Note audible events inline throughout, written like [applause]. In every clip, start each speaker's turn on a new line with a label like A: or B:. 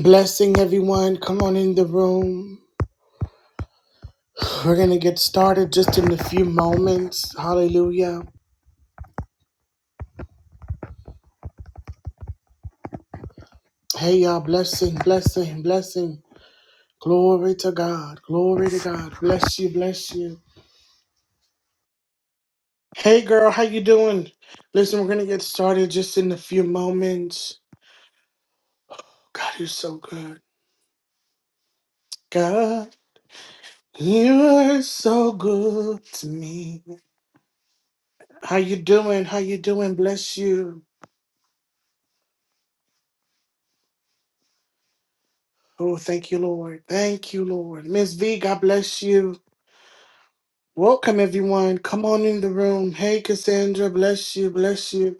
A: Blessing everyone. Come on in the room. We're going to get started just in a few moments. Hallelujah. Hey, y'all. Blessing, blessing, blessing. Glory to God. Glory to God. Bless you, bless you. Hey, girl. How you doing? Listen, we're going to get started just in a few moments. God, you're so good. God, you are so good to me. How you doing? How you doing? Bless you. Oh, thank you, Lord. Thank you, Lord. Miss V, God bless you. Welcome, everyone. Come on in the room. Hey, Cassandra. Bless you. Bless you.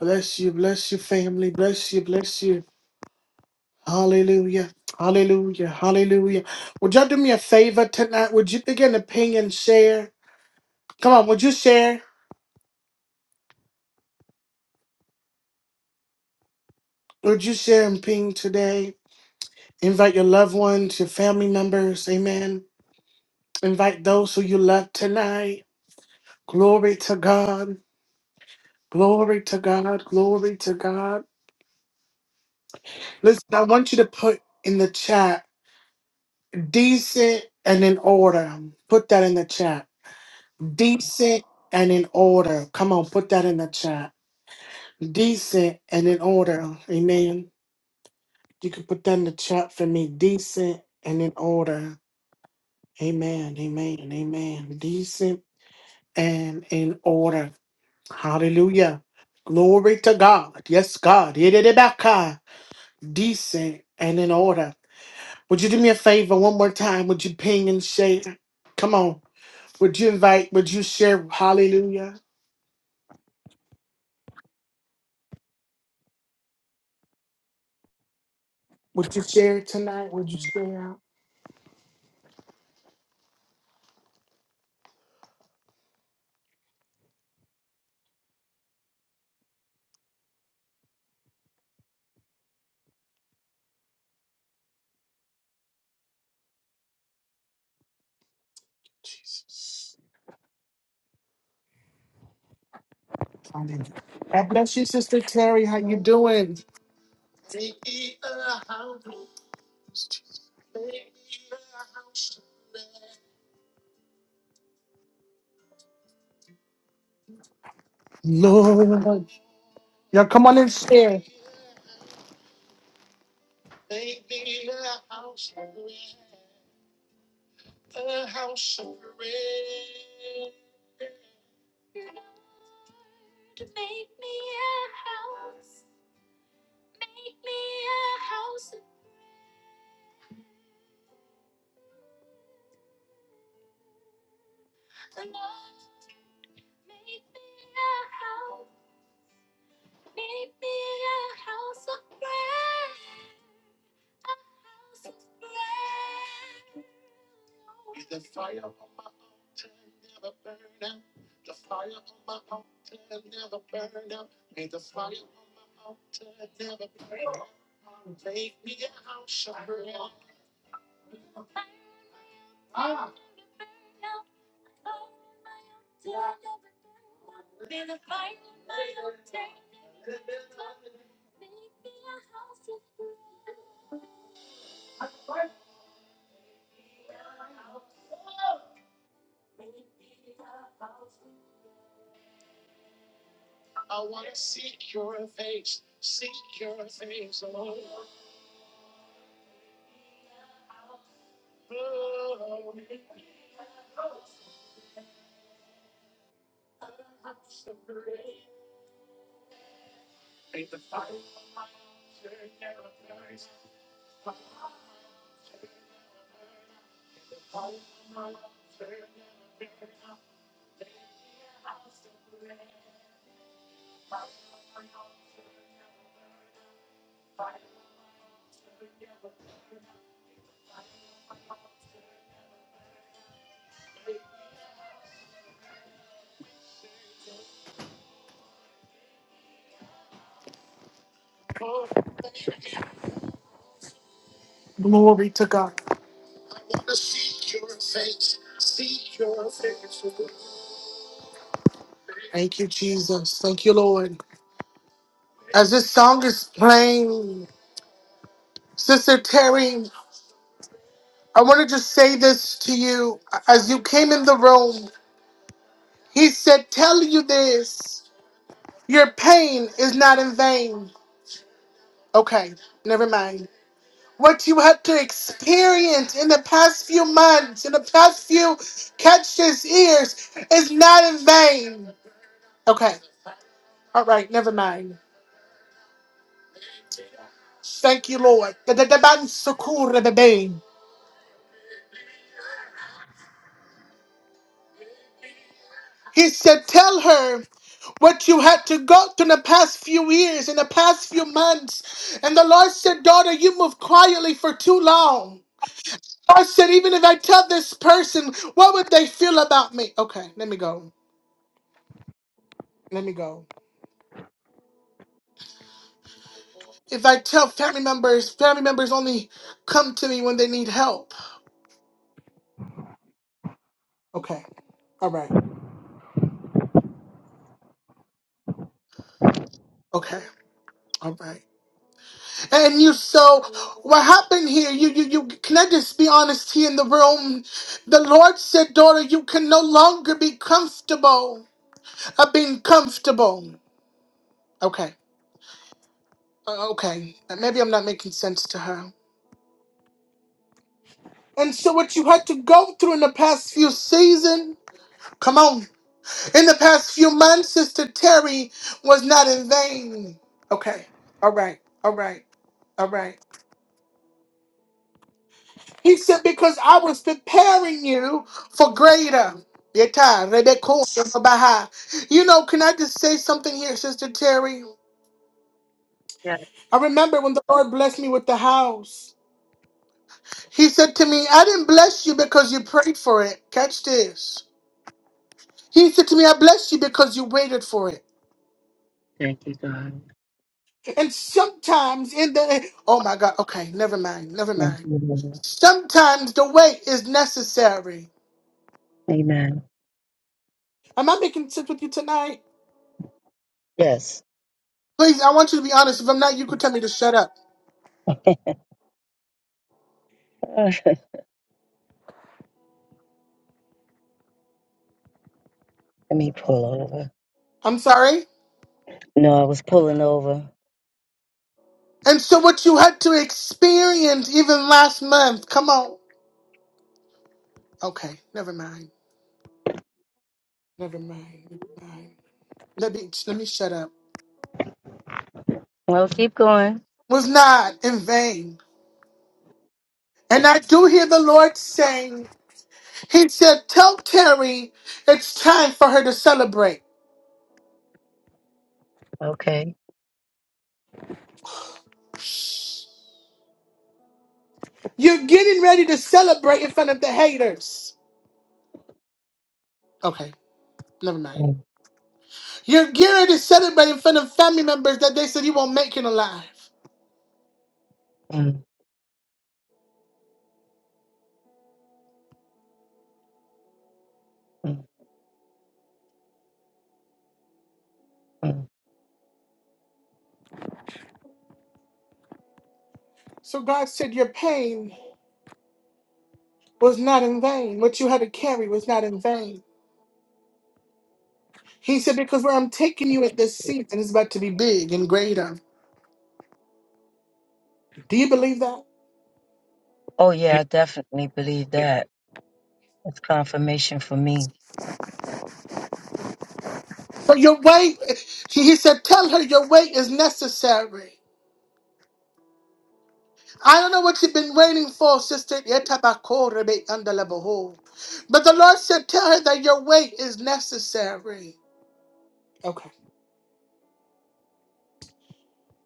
A: Bless you. Bless you, family. Bless you. Bless you. Hallelujah. Hallelujah. Hallelujah. Would y'all do me a favor tonight? Would you begin to ping and share? Come on. Would you share? Would you share and ping today? Invite your loved ones, your family members. Amen. Invite those who you love tonight. Glory to God. Glory to God. Glory to God. Listen, I want you to put in the chat Decent and in order. Put that in the chat. Decent and in order. Come on, put that in the chat. Decent and in order. Amen. You can put that in the chat for me. Decent and in order. Amen. Amen. Amen. Decent and in order. Hallelujah. Glory to God. Yes, God. Yididibaka. Decent and in order. Would you do me a favor one more time? Would you ping and share? Come on. Would you invite, would you share hallelujah? Would you share it tonight? Would you share? Jesus. Hallelujah. God bless you, Sister Terry. How you doing? Lord. Y'all come on and share. Glory to God. Thank you, Jesus. Thank you, Lord. As this song is playing, Sister Terry, I want to just say this to you. As you came in the room, he said, Tell you this. Your pain is not in vain. Okay, never mind. What you had to experience in the past few months, in the past few catches ears, is not in vain. Okay, all right, never mind. Thank you, Lord. Da- da- da- ban- sukura da- bang. He said, Tell her what you had to go through in the past few years, in the past few months. And the Lord said, Daughter, you moved quietly for too long. I said, even if I tell this person, what would they feel about me? Okay, let me go. Let me go. If I tell family members, family members only come to me when they need help. Okay, all right. Okay, all right. And you, so what happened here? You, you, you. Can I just be honest here in the room? The Lord said, daughter, you can no longer be comfortable of being comfortable. Okay. Uh, Okay, maybe I'm not making sense to her. And so what you had to go through in the past few seasons, come on, in the past few months, Sister Terry was not in vain. Okay, all right, all right, all right. He said, because I was preparing you for greater. Yeta, Rebekah, Shabaha. You know, can I just say something here, Sister Terry?
B: Yes.
A: I remember when the Lord blessed me with the house. He said to me, I didn't bless you because you prayed for it. Catch this. He said to me, I blessed you because you waited for it.
B: Thank you, God.
A: And sometimes in the oh my god, okay, never mind, never
B: Thank
A: mind.
B: you, Lord.
A: Sometimes the wait is necessary.
B: Amen.
A: Am I making sense with you tonight?
B: Yes.
A: Please, I want you to be honest. If I'm not, you could tell me to shut up.
B: [laughs] Let me pull over.
A: I'm sorry.
B: No, I was pulling over.
A: And so what you had to experience even last month, come on. Okay, never mind. Never mind. Never mind. Let me let me shut up.
B: Well, keep going.
A: Was not in vain. And I do hear the Lord saying, He said, Tell Terry it's time for her to celebrate.
B: Okay.
A: You're getting ready to celebrate in front of the haters. Okay, never mind.
B: Mm,
A: You're getting ready to celebrate in front of family members that they said you won't make it alive.
B: mm, mm, mm.
A: So God said your pain was not in vain. What you had to carry was not in vain. He said, because where I'm taking you at this season is about to be big and greater. Do you believe that?
B: Oh, yeah, I definitely believe that. It's confirmation for me.
A: So your weight, he he said, tell her your weight is necessary. I don't know what you've been waiting for, Sister Yetabakorebe Andalabaho. But the Lord said, Tell her that your wait is necessary. Okay.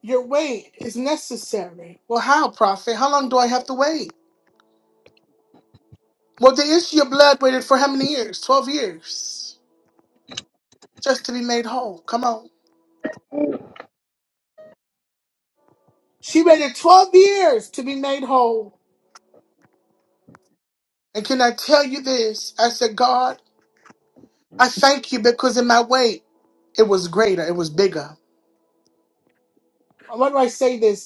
A: Your wait is necessary. Well, how, prophet? How long do I have to wait? Well, the issue of blood waited for how many years? 12 years. Just to be made whole. Come on. She waited 12 years to be made whole. And can I tell you this? I said, God, I thank you because in my wait, it was greater, it was bigger. Why do I say this?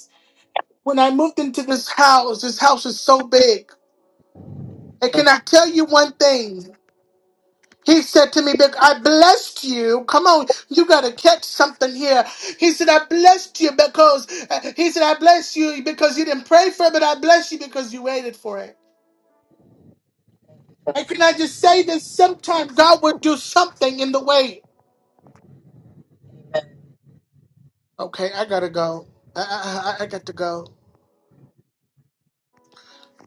A: When I moved into this house, this house is so big. And can
B: Mm,
A: I tell you one thing? He said to me, "Vic, I blessed you. Come on, you got to catch something here. He said, I blessed you because, uh, he said, I blessed you because you didn't pray for it, but I blessed you because you waited for it. And can I just say this? Sometimes God will do something in the wait. Okay, I got to go. I, I, I I got to go.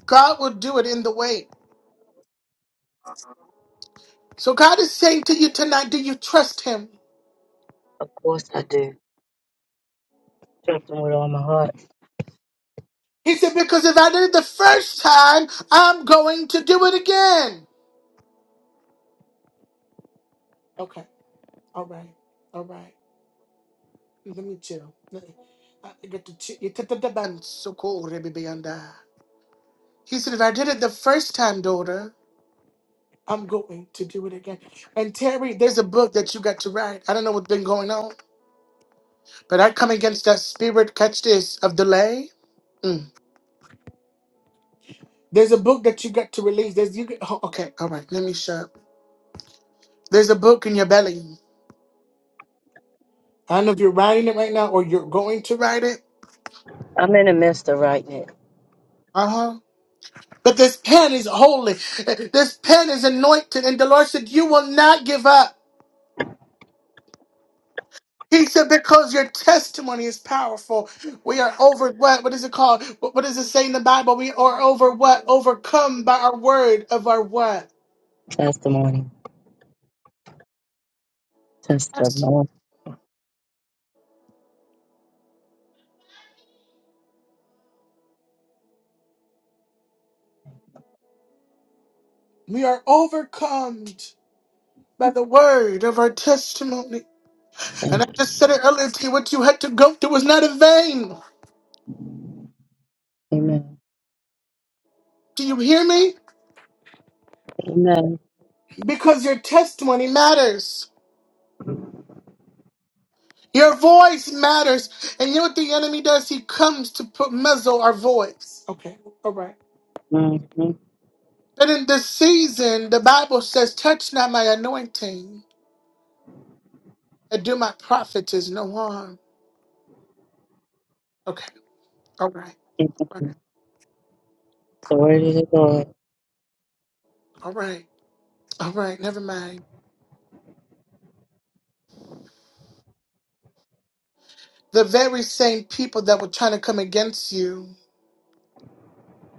A: God will do it in the wait. So God is saying to you tonight, do you trust him?
B: Of course I do. Trust him with all my heart.
A: He said, Because if I did it the first time, I'm going to do it again. Okay. All right. All right. Let me chill. Let I get to chill. You took the band so cool, Rebbe Beyonda. He said, If I did it the first time, daughter, I'm going to do it again. And Terry, there's a book that you got to write. I don't know what's been going on, but I come against that spirit, catch this, of delay. Mm. There's a book that you got to release. There's you. Get, oh, okay, all right. Let me shut. There's a book in your belly. I don't know if you're writing it right now or you're going to write it.
B: I'm in the midst of writing it.
A: Uh huh. But this pen is holy. This pen is anointed. And the Lord said, You will not give up. He said, Because your testimony is powerful. We are over what? What is it called? What, what does it say in the Bible? We are over what? Overcome by our word of our what?
B: Testimony.
A: Testimony.
B: Testimony.
A: We are overcome by the word of our testimony. And I
B: Thank-
A: just said it earlier to you what you had to go through was not in vain.
B: Amen.
A: Do you hear me?
B: Amen.
A: Because your testimony matters. Your voice matters. And you know what the enemy does? He comes to put muzzle our voice. Okay, all right.
B: Mm-hmm.
A: But in this season, the Bible says, Touch not my anointing, and do my prophets no harm. Okay, all right, all right,
B: The word of the Lord.
A: all right, all right, never mind. The very same people that were trying to come against you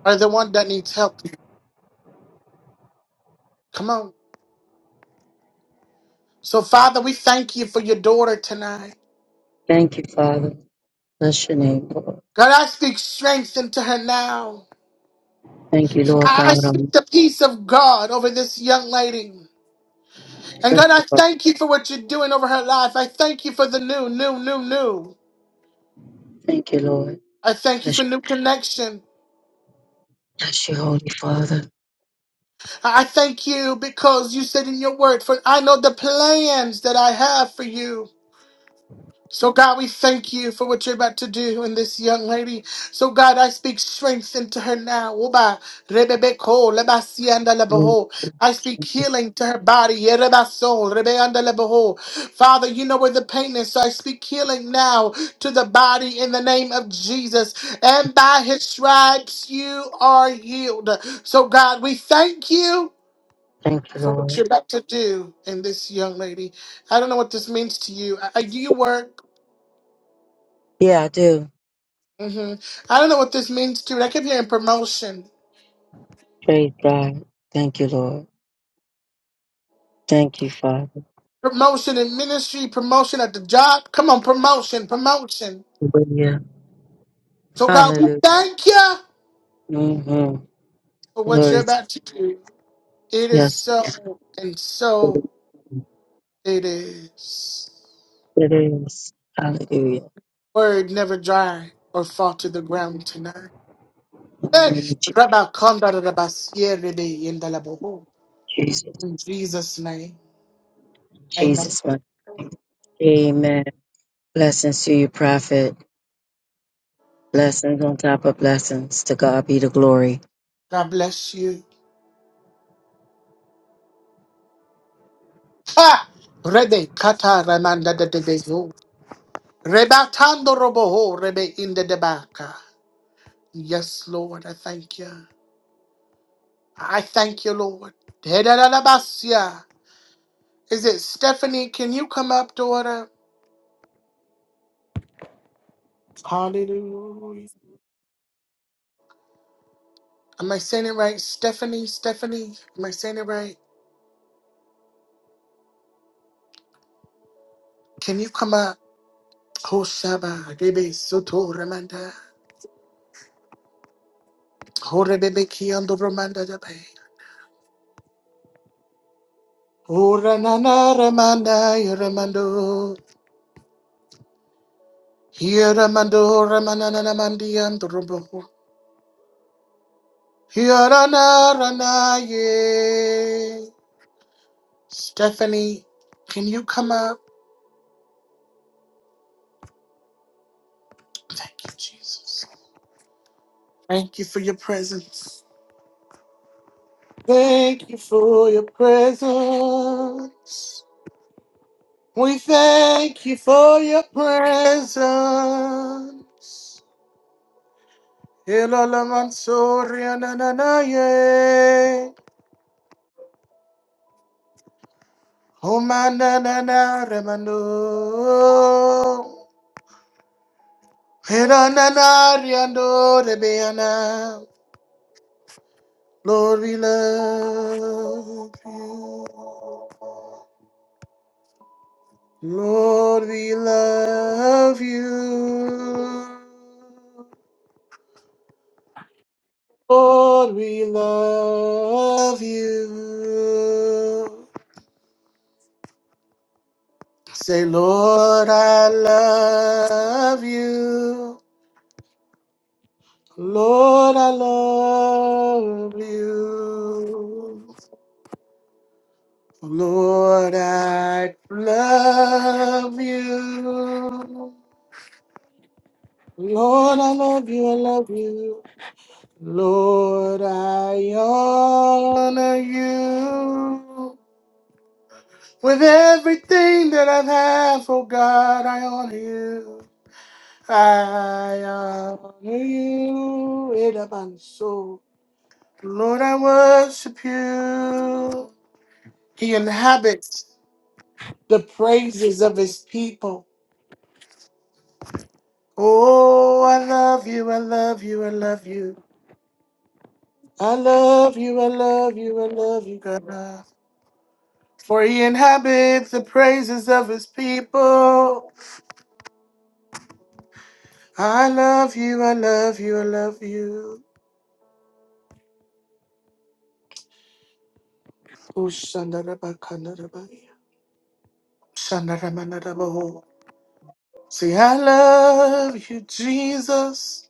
A: are the one that needs help. Come on. So, Father, we thank you for your daughter tonight.
B: Thank you, Father. Bless your name, Lord.
A: God, I speak strength into her now.
B: Thank you, Lord
A: I
B: God.
A: speak
B: Um,
A: the peace of God over this young lady. And
B: bless
A: God, I
B: you, Father.
A: thank you for what you're doing over her life. I thank you for the new, new, new, new.
B: Thank you, Lord.
A: I thank you
B: Bless
A: for
B: you,
A: new connection.
B: bless you Holy Father.
A: I thank you because you said in your word, for I know the plans that I have for you. So, God, we thank you for what you're about to do in this young lady. So, God, I speak strength into her now. Oba, rebebeko, lebasianda
B: Mm,
A: lebeho. I speak healing to her body. Yerebaso, rebeanda lebeho. Father, you know where the pain is, so I speak healing now to the body in the name of Jesus. And by his stripes, you are healed. So, God, we thank you
B: Thank you,
A: for what
B: Lord.
A: you're about to do in this young lady. I don't know what this means to you. Uh, uh, Do you work?
B: Yeah, I do.
A: hmm I don't know what this means, too. I kept hearing promotion,
B: Praise God. Thank you, Lord. Thank you, Father.
A: promotion in ministry, promotion at the job. Come on, promotion, promotion.
B: Hallelujah.
A: So God, we
B: Hallelujah.
A: thank you
B: hmm
A: for what you're
B: Glory to
A: about to do. It is
B: Yes,
A: so, and
B: it is.
A: so it is.
B: It is. Hallelujah.
A: Word never dry or fall to the ground tonight.
B: In
A: Eh,
B: the name of Je-
A: Rabba Konda Rabba Sierebe Yendalaboho.
B: Jesus.
A: In Jesus' name, Amen.
B: Jesus, my Amen. Blessings to you, prophet. Blessings on top of blessings. To God be the glory.
A: God bless you. Ha! Rede Kata Ramanda de Rebatando roboho rebe in the debaka. Yes, Lord, I thank you. I thank you, Lord. Dedadadabasia. Is it Stephanie? Can you come up, daughter? Hallelujah. Am I saying it right? Stephanie, Stephanie, am I saying it right? Can you come up? Hoshaba, rebe soto ramanda. Hore bebe kiando ramanda dabe. Ora nana ramanda yaramando. Yaramando ramanana namandiando Hirana Ranaye. Stephanie, can you come up? Thank you, Jesus. Thank you for your presence. Thank you for your presence. We thank you for your presence. Hilala Mansoria Nananaye. Humanana Remano. Hiranana Riando Rebeana. Lord, we love you. Lord, we love you. Lord, we love you. Say, Lord, I love you. Lord, I love you. Lord, I love you. Lord, I love you, I love you. Lord, I honor you. With everything that I have, oh God, I honor you. I honor you, Edaban soul. Lord, I worship you. He inhabits the praises of his people. Oh, I love you, I love you, I love you. I love you, I love you, I love you, God. For he inhabits the praises of his people. I love you, I love you, I love you. Ooh, shandarabakandarabai, shandaramandarabaho. Say, I love you, Jesus.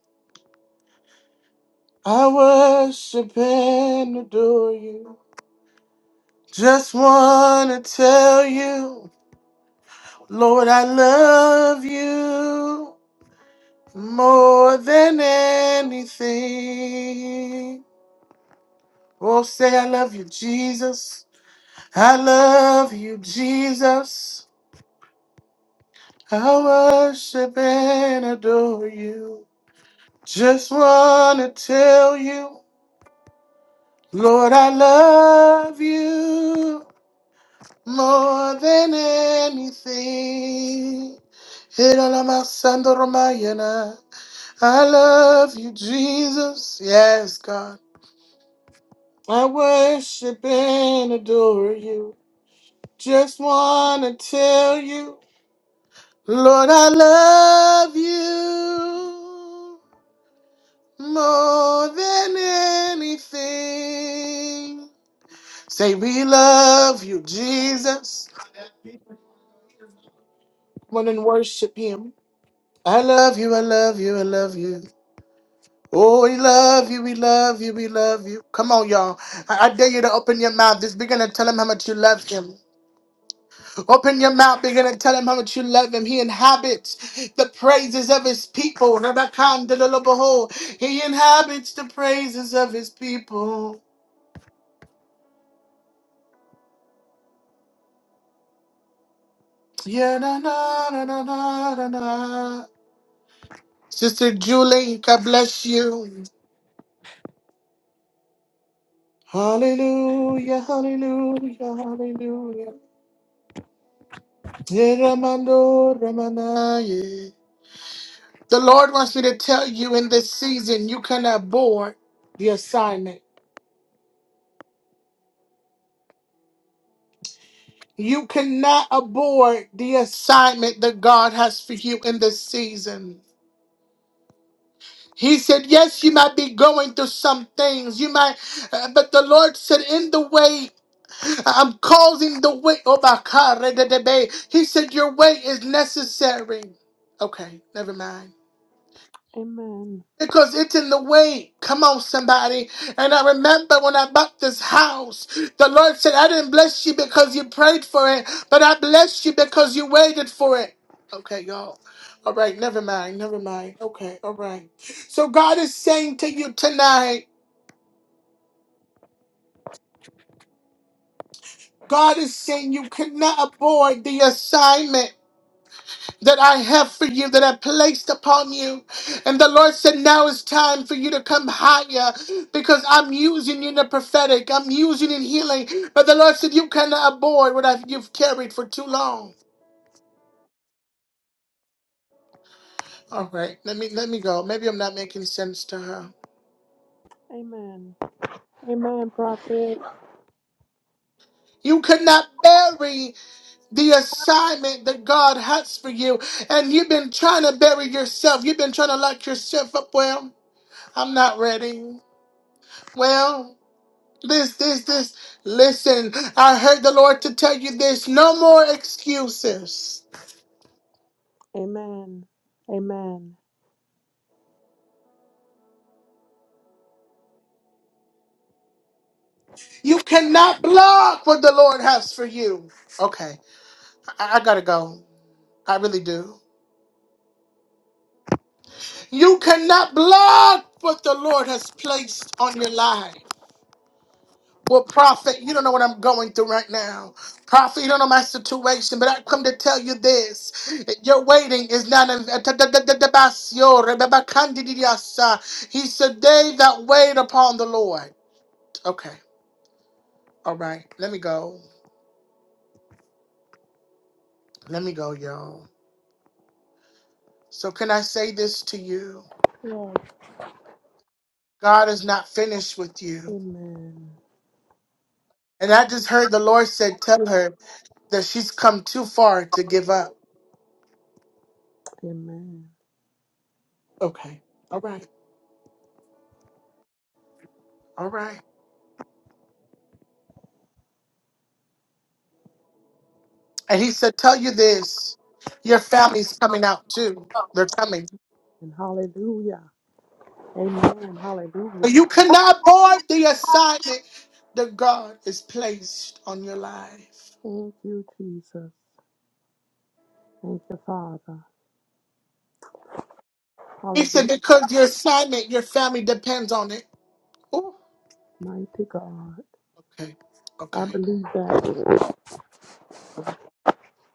A: I worship and adore you. Just want to tell you, Lord, I love you. more than anything. Oh, say, I love you, Jesus. I love you, Jesus. I worship and adore you. Just want to tell you, Lord, I love you more than anything. I love you, Jesus. Yes, God. I worship and adore you. Just wanna tell you, Lord, I love you more than anything. Say, we love you, Jesus. Come on and worship him. I love you, I love you, I love you. Oh, we love you, we love you, we love you. Come on, y'all. I, I dare you to open your mouth. Just begin to tell him how much you love him. Open your mouth, begin to tell him how much you love him. He inhabits the praises of his people. Rabakandalabaho. He inhabits the praises of his people. Yeah, na, na, na, na, na, na, na. Sister Julie, God bless you. Hallelujah, hallelujah, hallelujah. Yeah, Ramando, Ramanaye. The Lord wants me to tell you in this season, you cannot abort the assignment. You cannot abort the assignment that God has for you in this season. He said, Yes, you might be going through some things. You might, uh, but the Lord said, In the way I'm causing the way. Oh, my God. He said, Your way is necessary. Okay, never mind.
C: Amen.
A: Because it's in the way. Come on, somebody. And I remember when I bought this house, the Lord said, I didn't bless you because you prayed for it, but I blessed you because you waited for it. Okay, y'all. All right, never mind, never mind. Okay, all right. So God is saying to you tonight, God is saying you cannot avoid the assignment. that I have for you that I placed upon you. And the Lord said, Now it's time for you to come higher because I'm using you in the prophetic, I'm using you in healing. But the Lord said, You cannot abort what I've, you've carried for too long. All right, let me let me go. Maybe I'm not making sense to her.
C: Amen. Amen, prophet.
A: You could not bury the assignment that God has for you, and you've been trying to bury yourself. You've been trying to lock yourself up. Well, I'm not ready. Well. This, this, this. Listen, I heard the Lord to tell you this. No more excuses.
C: Amen. Amen.
A: You cannot block what the Lord has for you. Okay, I, I gotta go. I really do. You cannot block what the Lord has placed on your life. Well, prophet, you don't know what I'm going through right now. Prophet, you don't know my situation, but I come to tell you this. Your waiting is not. He said, They that wait upon the Lord. Okay. All right. Let me go. Let me go, y'all. So, can I say this to you?
C: Yes.
A: God is not finished with you.
C: Amen.
A: And I just heard the Lord said, Tell her that she's come too far to give up.
C: Amen.
A: Okay. All right. All right. And He said, Tell you this your family's coming out too. They're coming.
C: And hallelujah. Amen.
A: So
C: Hallelujah.
A: you cannot abort the assignment that God has placed on your life.
C: Thank you, Jesus. Thank you, Father.
A: He
C: Hallelujah.
A: said, Because your assignment, your family depends on it. Ooh.
C: Mighty God.
A: Okay.
C: I
A: Okay.
C: believe that.
A: All right.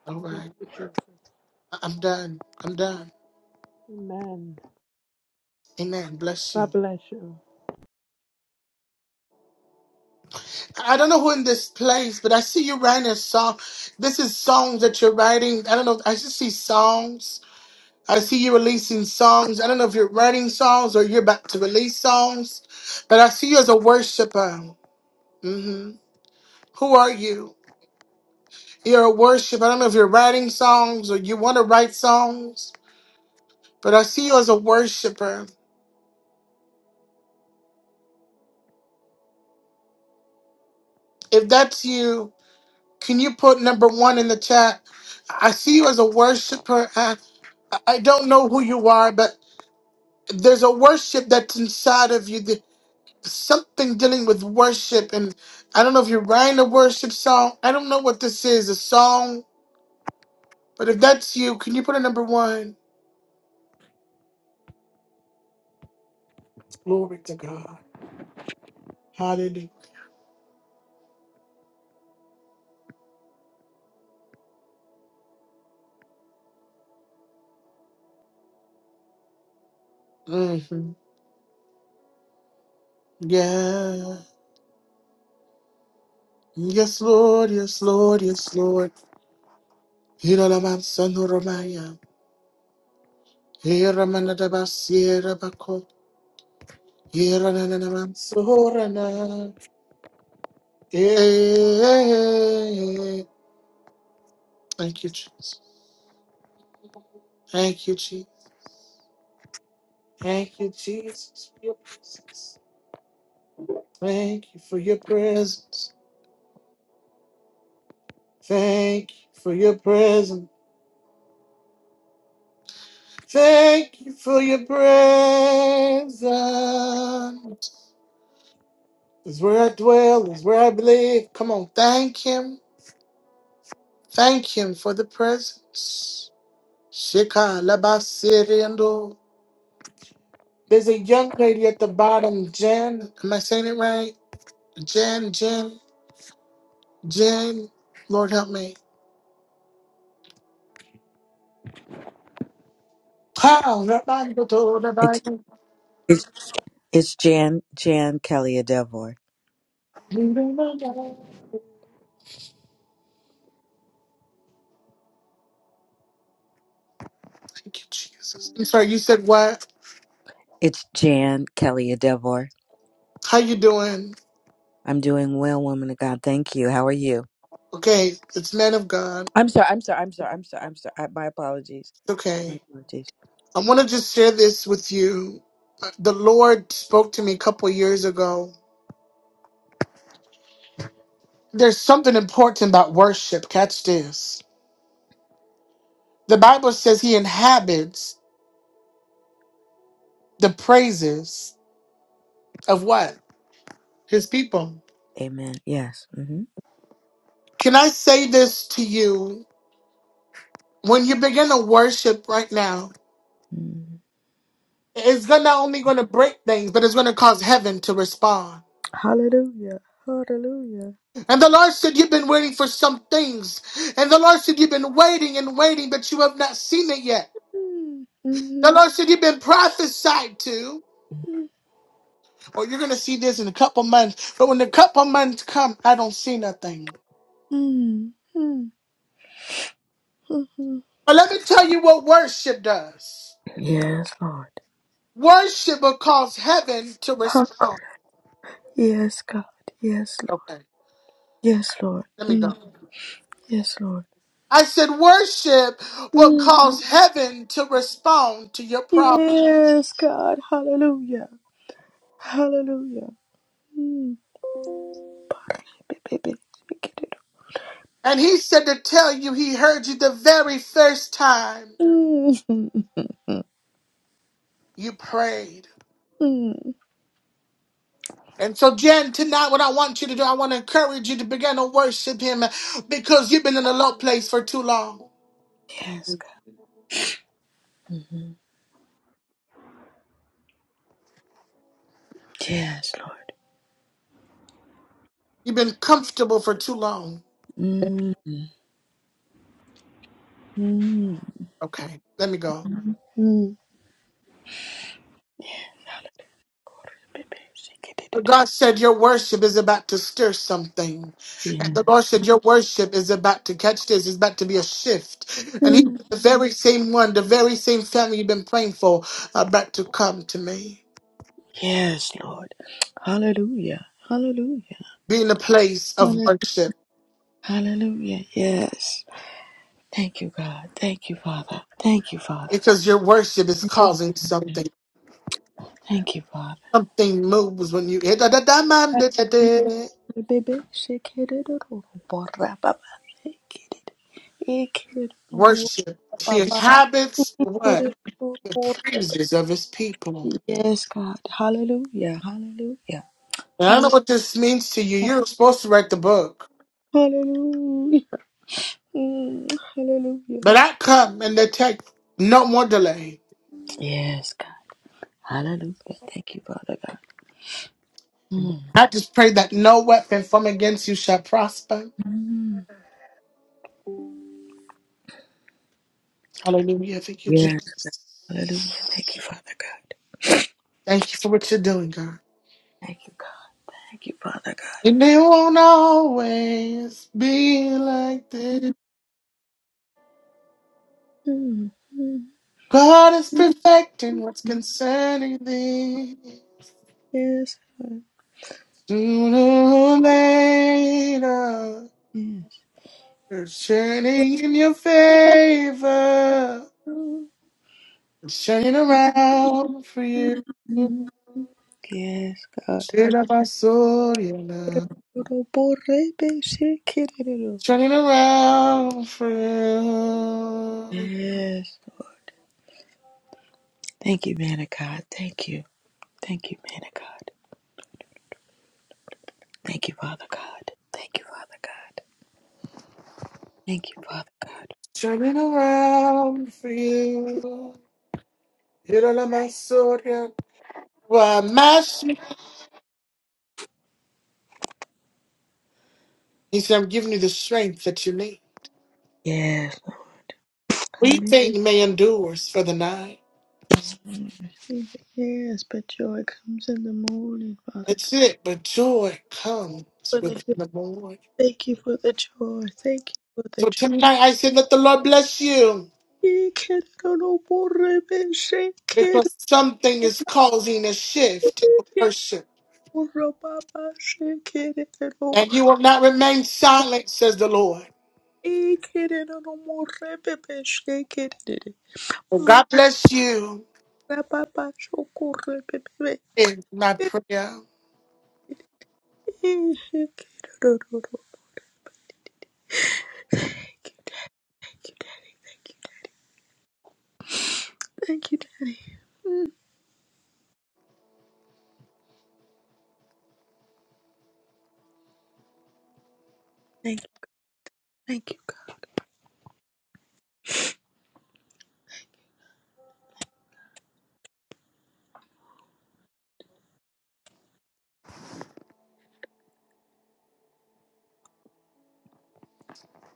A: All
C: Thank
A: right.
C: you, Jesus.
A: I- I'm done. I'm done.
C: Amen.
A: Amen. Bless you.
C: God bless you.
A: I I don't know who in this place, but I see you writing a song. This is songs that you're writing. I don't know. I just see songs. I see you releasing songs. I don't know if you're writing songs or you're about to release songs, but I see you as a worshiper. hmm Who are you? You're a worshiper. I don't know if you're writing songs or you want to write songs, but I see you as a worshiper. If that's you, Can you put number one in the chat? I see you as a worshiper. I, I don't know who you are, but there's a worship that's inside of you. That something dealing with worship, and I don't know if you're writing a worship song. I don't know what this is, a song. But if that's you, can you put a number one? Glory to God. Hallelujah. hmm Yeah. Yes, Lord. Yes, Lord. Yes, Lord. Hira la man, son, Romaya. Hira manadabas, Yerananamansorana. Yeah. Thank you, Jesus. Thank you, Jesus. Thank you, Jesus, for your presence. Thank you for your presence. Thank you for your presence. Thank you for your presence. Is where I dwell, is where I believe. Come on, thank him. Thank him for the presence. Shika labasiriando. There's a young lady at the bottom, Jen. Am I saying it right? Jen, Jen, Jen. Lord help me. How? Thank
D: It's it's it's Jan Jan Kelly Adevor.
A: you, Jesus. I'm sorry, you said what?
D: It's Jan Kelly Adevor.
A: How you doing?
D: I'm doing well, woman of God. Thank you. How are you?
A: Okay, it's men of God.
D: I'm sorry. I'm sorry. I'm sorry. I'm sorry. I'm sorry. I, my apologies. My
A: Okay.
D: apologies.
A: I want to just share this with you. The Lord spoke to me a couple years ago. There's something important about worship. Catch this. The Bible says he inhabits the praises of what? his people.
D: Amen. Yes. hmm
A: Can I say this to you? When you begin to worship right now, it's gonna not only gonna break things, but it's gonna cause heaven to respond.
D: Hallelujah. Hallelujah.
A: And the Lord said, You've been waiting for some things. And the Lord said, You've been waiting and waiting, but you have not seen it yet. The
D: Mm-hmm.
A: Lord said, You've been prophesied to. Or you're gonna see this in a couple months. But when the couple months come, I don't see nothing.
D: Mm-hmm.
A: But let me tell you what worship does.
D: Yes, Lord.
A: Worship will cause heaven to
D: Huck.
A: respond.
D: Yes, God. Yes, Lord.
A: Okay,
D: Yes, Lord.
A: let me
D: Mm.
A: go.
D: Yes, Lord.
A: I said, worship will
D: Mm.
A: cause heaven to respond to your problem.
D: Yes, God. Hallelujah. Hallelujah. Mm.
A: And he said to tell you he heard you the very first time
D: Mm.
A: you prayed.
D: Mm.
A: And so, Jen, tonight, what I want you to do, I want to encourage you to begin to worship him because you've been in a low place for too long.
D: Yes, God. Mm-hmm. Yes, Lord.
A: You've been comfortable for too long.
D: Mm. Mm.
A: Okay, let me go.
D: Mm.
A: God said, Your worship is about to stir something. And
D: Yeah.
A: the Lord said, Your worship is about to catch this. It's about to be a shift. And He
D: Mm.
A: said, The very same one, the very same family you've been praying for, are about to come to me.
D: Yes, Lord. Hallelujah. Hallelujah.
A: Be in a place of
D: Hallelujah.
A: worship
D: Hallelujah. Yes. Thank you, God. Thank you, Father. Thank you, Father.
A: because your worship is causing something.
D: Thank you, Father.
A: Something moves when you.
D: Bebe şekerleri bora baba şekeri ekeri
A: Worship. He
D: baba
A: inhabits what?
D: şekeri
A: The
D: bora
A: praises of His people.
D: Yes God hallelujah hallelujah
A: And I know
D: hallelujah
A: what this means to you. You're supposed to write the book.
D: hallelujah Mm, hallelujah
A: But I come in the text, no more delay.
D: Yes God hallelujah thank you Father God mm.
A: I just pray that no weapon from against you shall prosper.
D: Mm.
A: Hallelujah. Thank you,
D: Yes
A: Jesus.
D: hallelujah thank you Father God
A: Thank you for what you're doing, God.
D: thank you God thank you Father God
A: And it won't always be like this.
D: mm. Mm.
A: God is perfecting what's concerning thee.
D: Yes God
A: Sooner or later, it's turning in your favor.
D: yes
A: It's turning around for you.
D: Mm. Yes, God.
A: Shit
D: Hallelujah.
A: up, I saw you now. Turning around for you.
D: Yes, Lord. Thank you, man of God. Thank you. Thank you, man of God. Thank you, Father God. Thank you, Father God. Thank you, Father God.
A: Turning around for you. Hit on my sword. yeah. Why, my shit. He said, I'm giving you the strength that you need.
D: Yes, Lord.
A: We
D: Hallelujah.
A: think may endures for the night.
D: Receive it. Yes, but joy comes in the morning, Father.
A: That's it, but joy comes
D: For the
A: with
D: joy.
A: the morning.
D: Thank you for the joy. Thank you for the
A: So
D: joy.
A: tonight I said, let the Lord bless you
D: He can no more shake it. He
A: because something is causing a shift in the worship.
D: can no more shake it.
A: And you will not remain silent, says the Lord.
D: Ekerere no morepepe shekerere.
A: Well, God bless you
D: Marapapa shokorepepe.
A: in my prayer.
D: Shekerere. Thank you, Daddy. Thank you. Thank you, Daddy. Thank you. Thank you, God.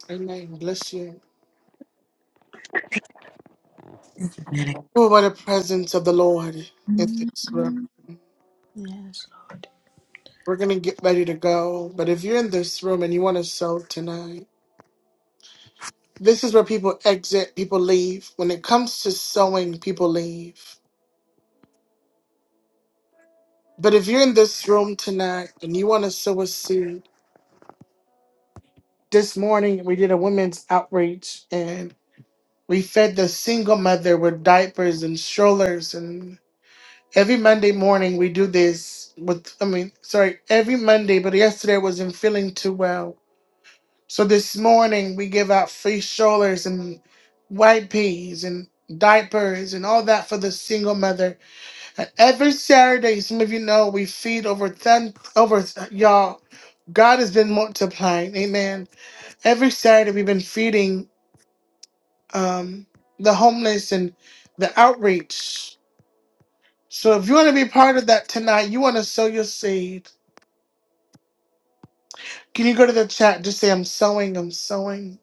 A: Amen. Bless you. Oh, by the presence of the Lord in this room.
D: Yes, Lord.
A: We're going to get ready to go. But if you're in this room and you want to sow tonight, this is where people exit, people leave. When it comes to sowing, people leave. But if you're in this room tonight and you want to sow a seed, this morning we did a women's outreach and we fed the single mother with diapers and strollers and. Every Monday morning we do this with I mean, sorry, every Monday, but yesterday I wasn't feeling too well. So this morning we give out free strollers and white peas and diapers and all that for the single mother. And every Saturday, some of you know, we feed over ten over y'all. God has been multiplying. Amen. Every Saturday we've been feeding um the homeless and the outreach. So if you want to be part of that tonight, you want to sow your seed. Can you go to the chat? Just say, I'm sowing, I'm sowing,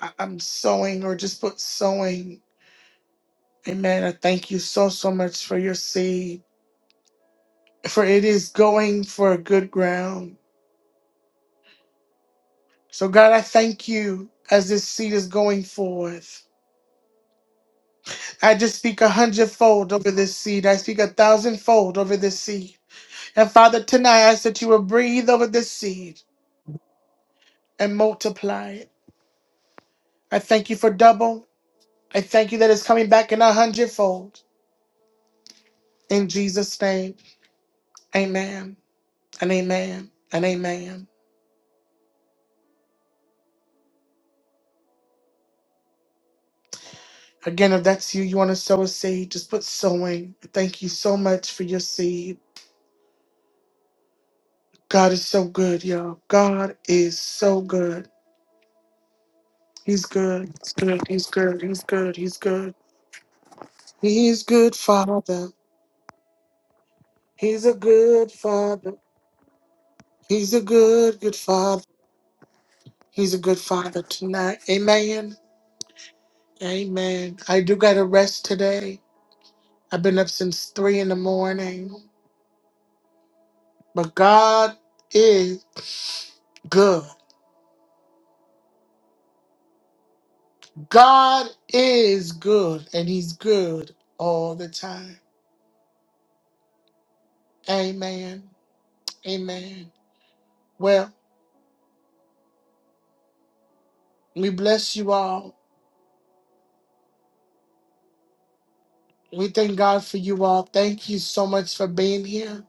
A: I- I'm sowing, or just put sowing. Amen. I thank you so, so much for your seed, for it is going for good ground. So, God, I thank you as this seed is going forth. I just speak a hundredfold over this seed. I speak a thousandfold over this seed. And Father, tonight I ask that you will breathe over this seed and multiply it. I thank you for double. I thank you that it's coming back in a hundredfold. In Jesus' name, amen and amen and amen. Again, if that's you, you want to sow a seed, just put sowing. Thank you so much for your seed. God is so good, y'all. God is so good. He's good. He's good. He's good. He's good. He's good. He's good, Father. He's a good Father. He's a good, good Father. He's a good Father tonight. Amen. Amen. I do got to rest today. I've been up since three in the morning, but God is good. God is good, and He's good all the time. Amen. Amen. Well, we bless you all. We thank God for you all. Thank you so much for being here.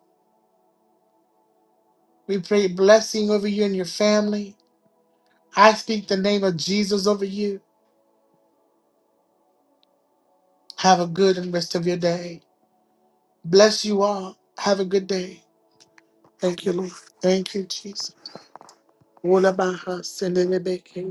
A: We pray blessing over you and your family. I speak the name of Jesus over you. Have a good and rest of your day. Bless you all. Have a good day. Thank you, Lord. Thank you, Jesus. Wula baha selele beke.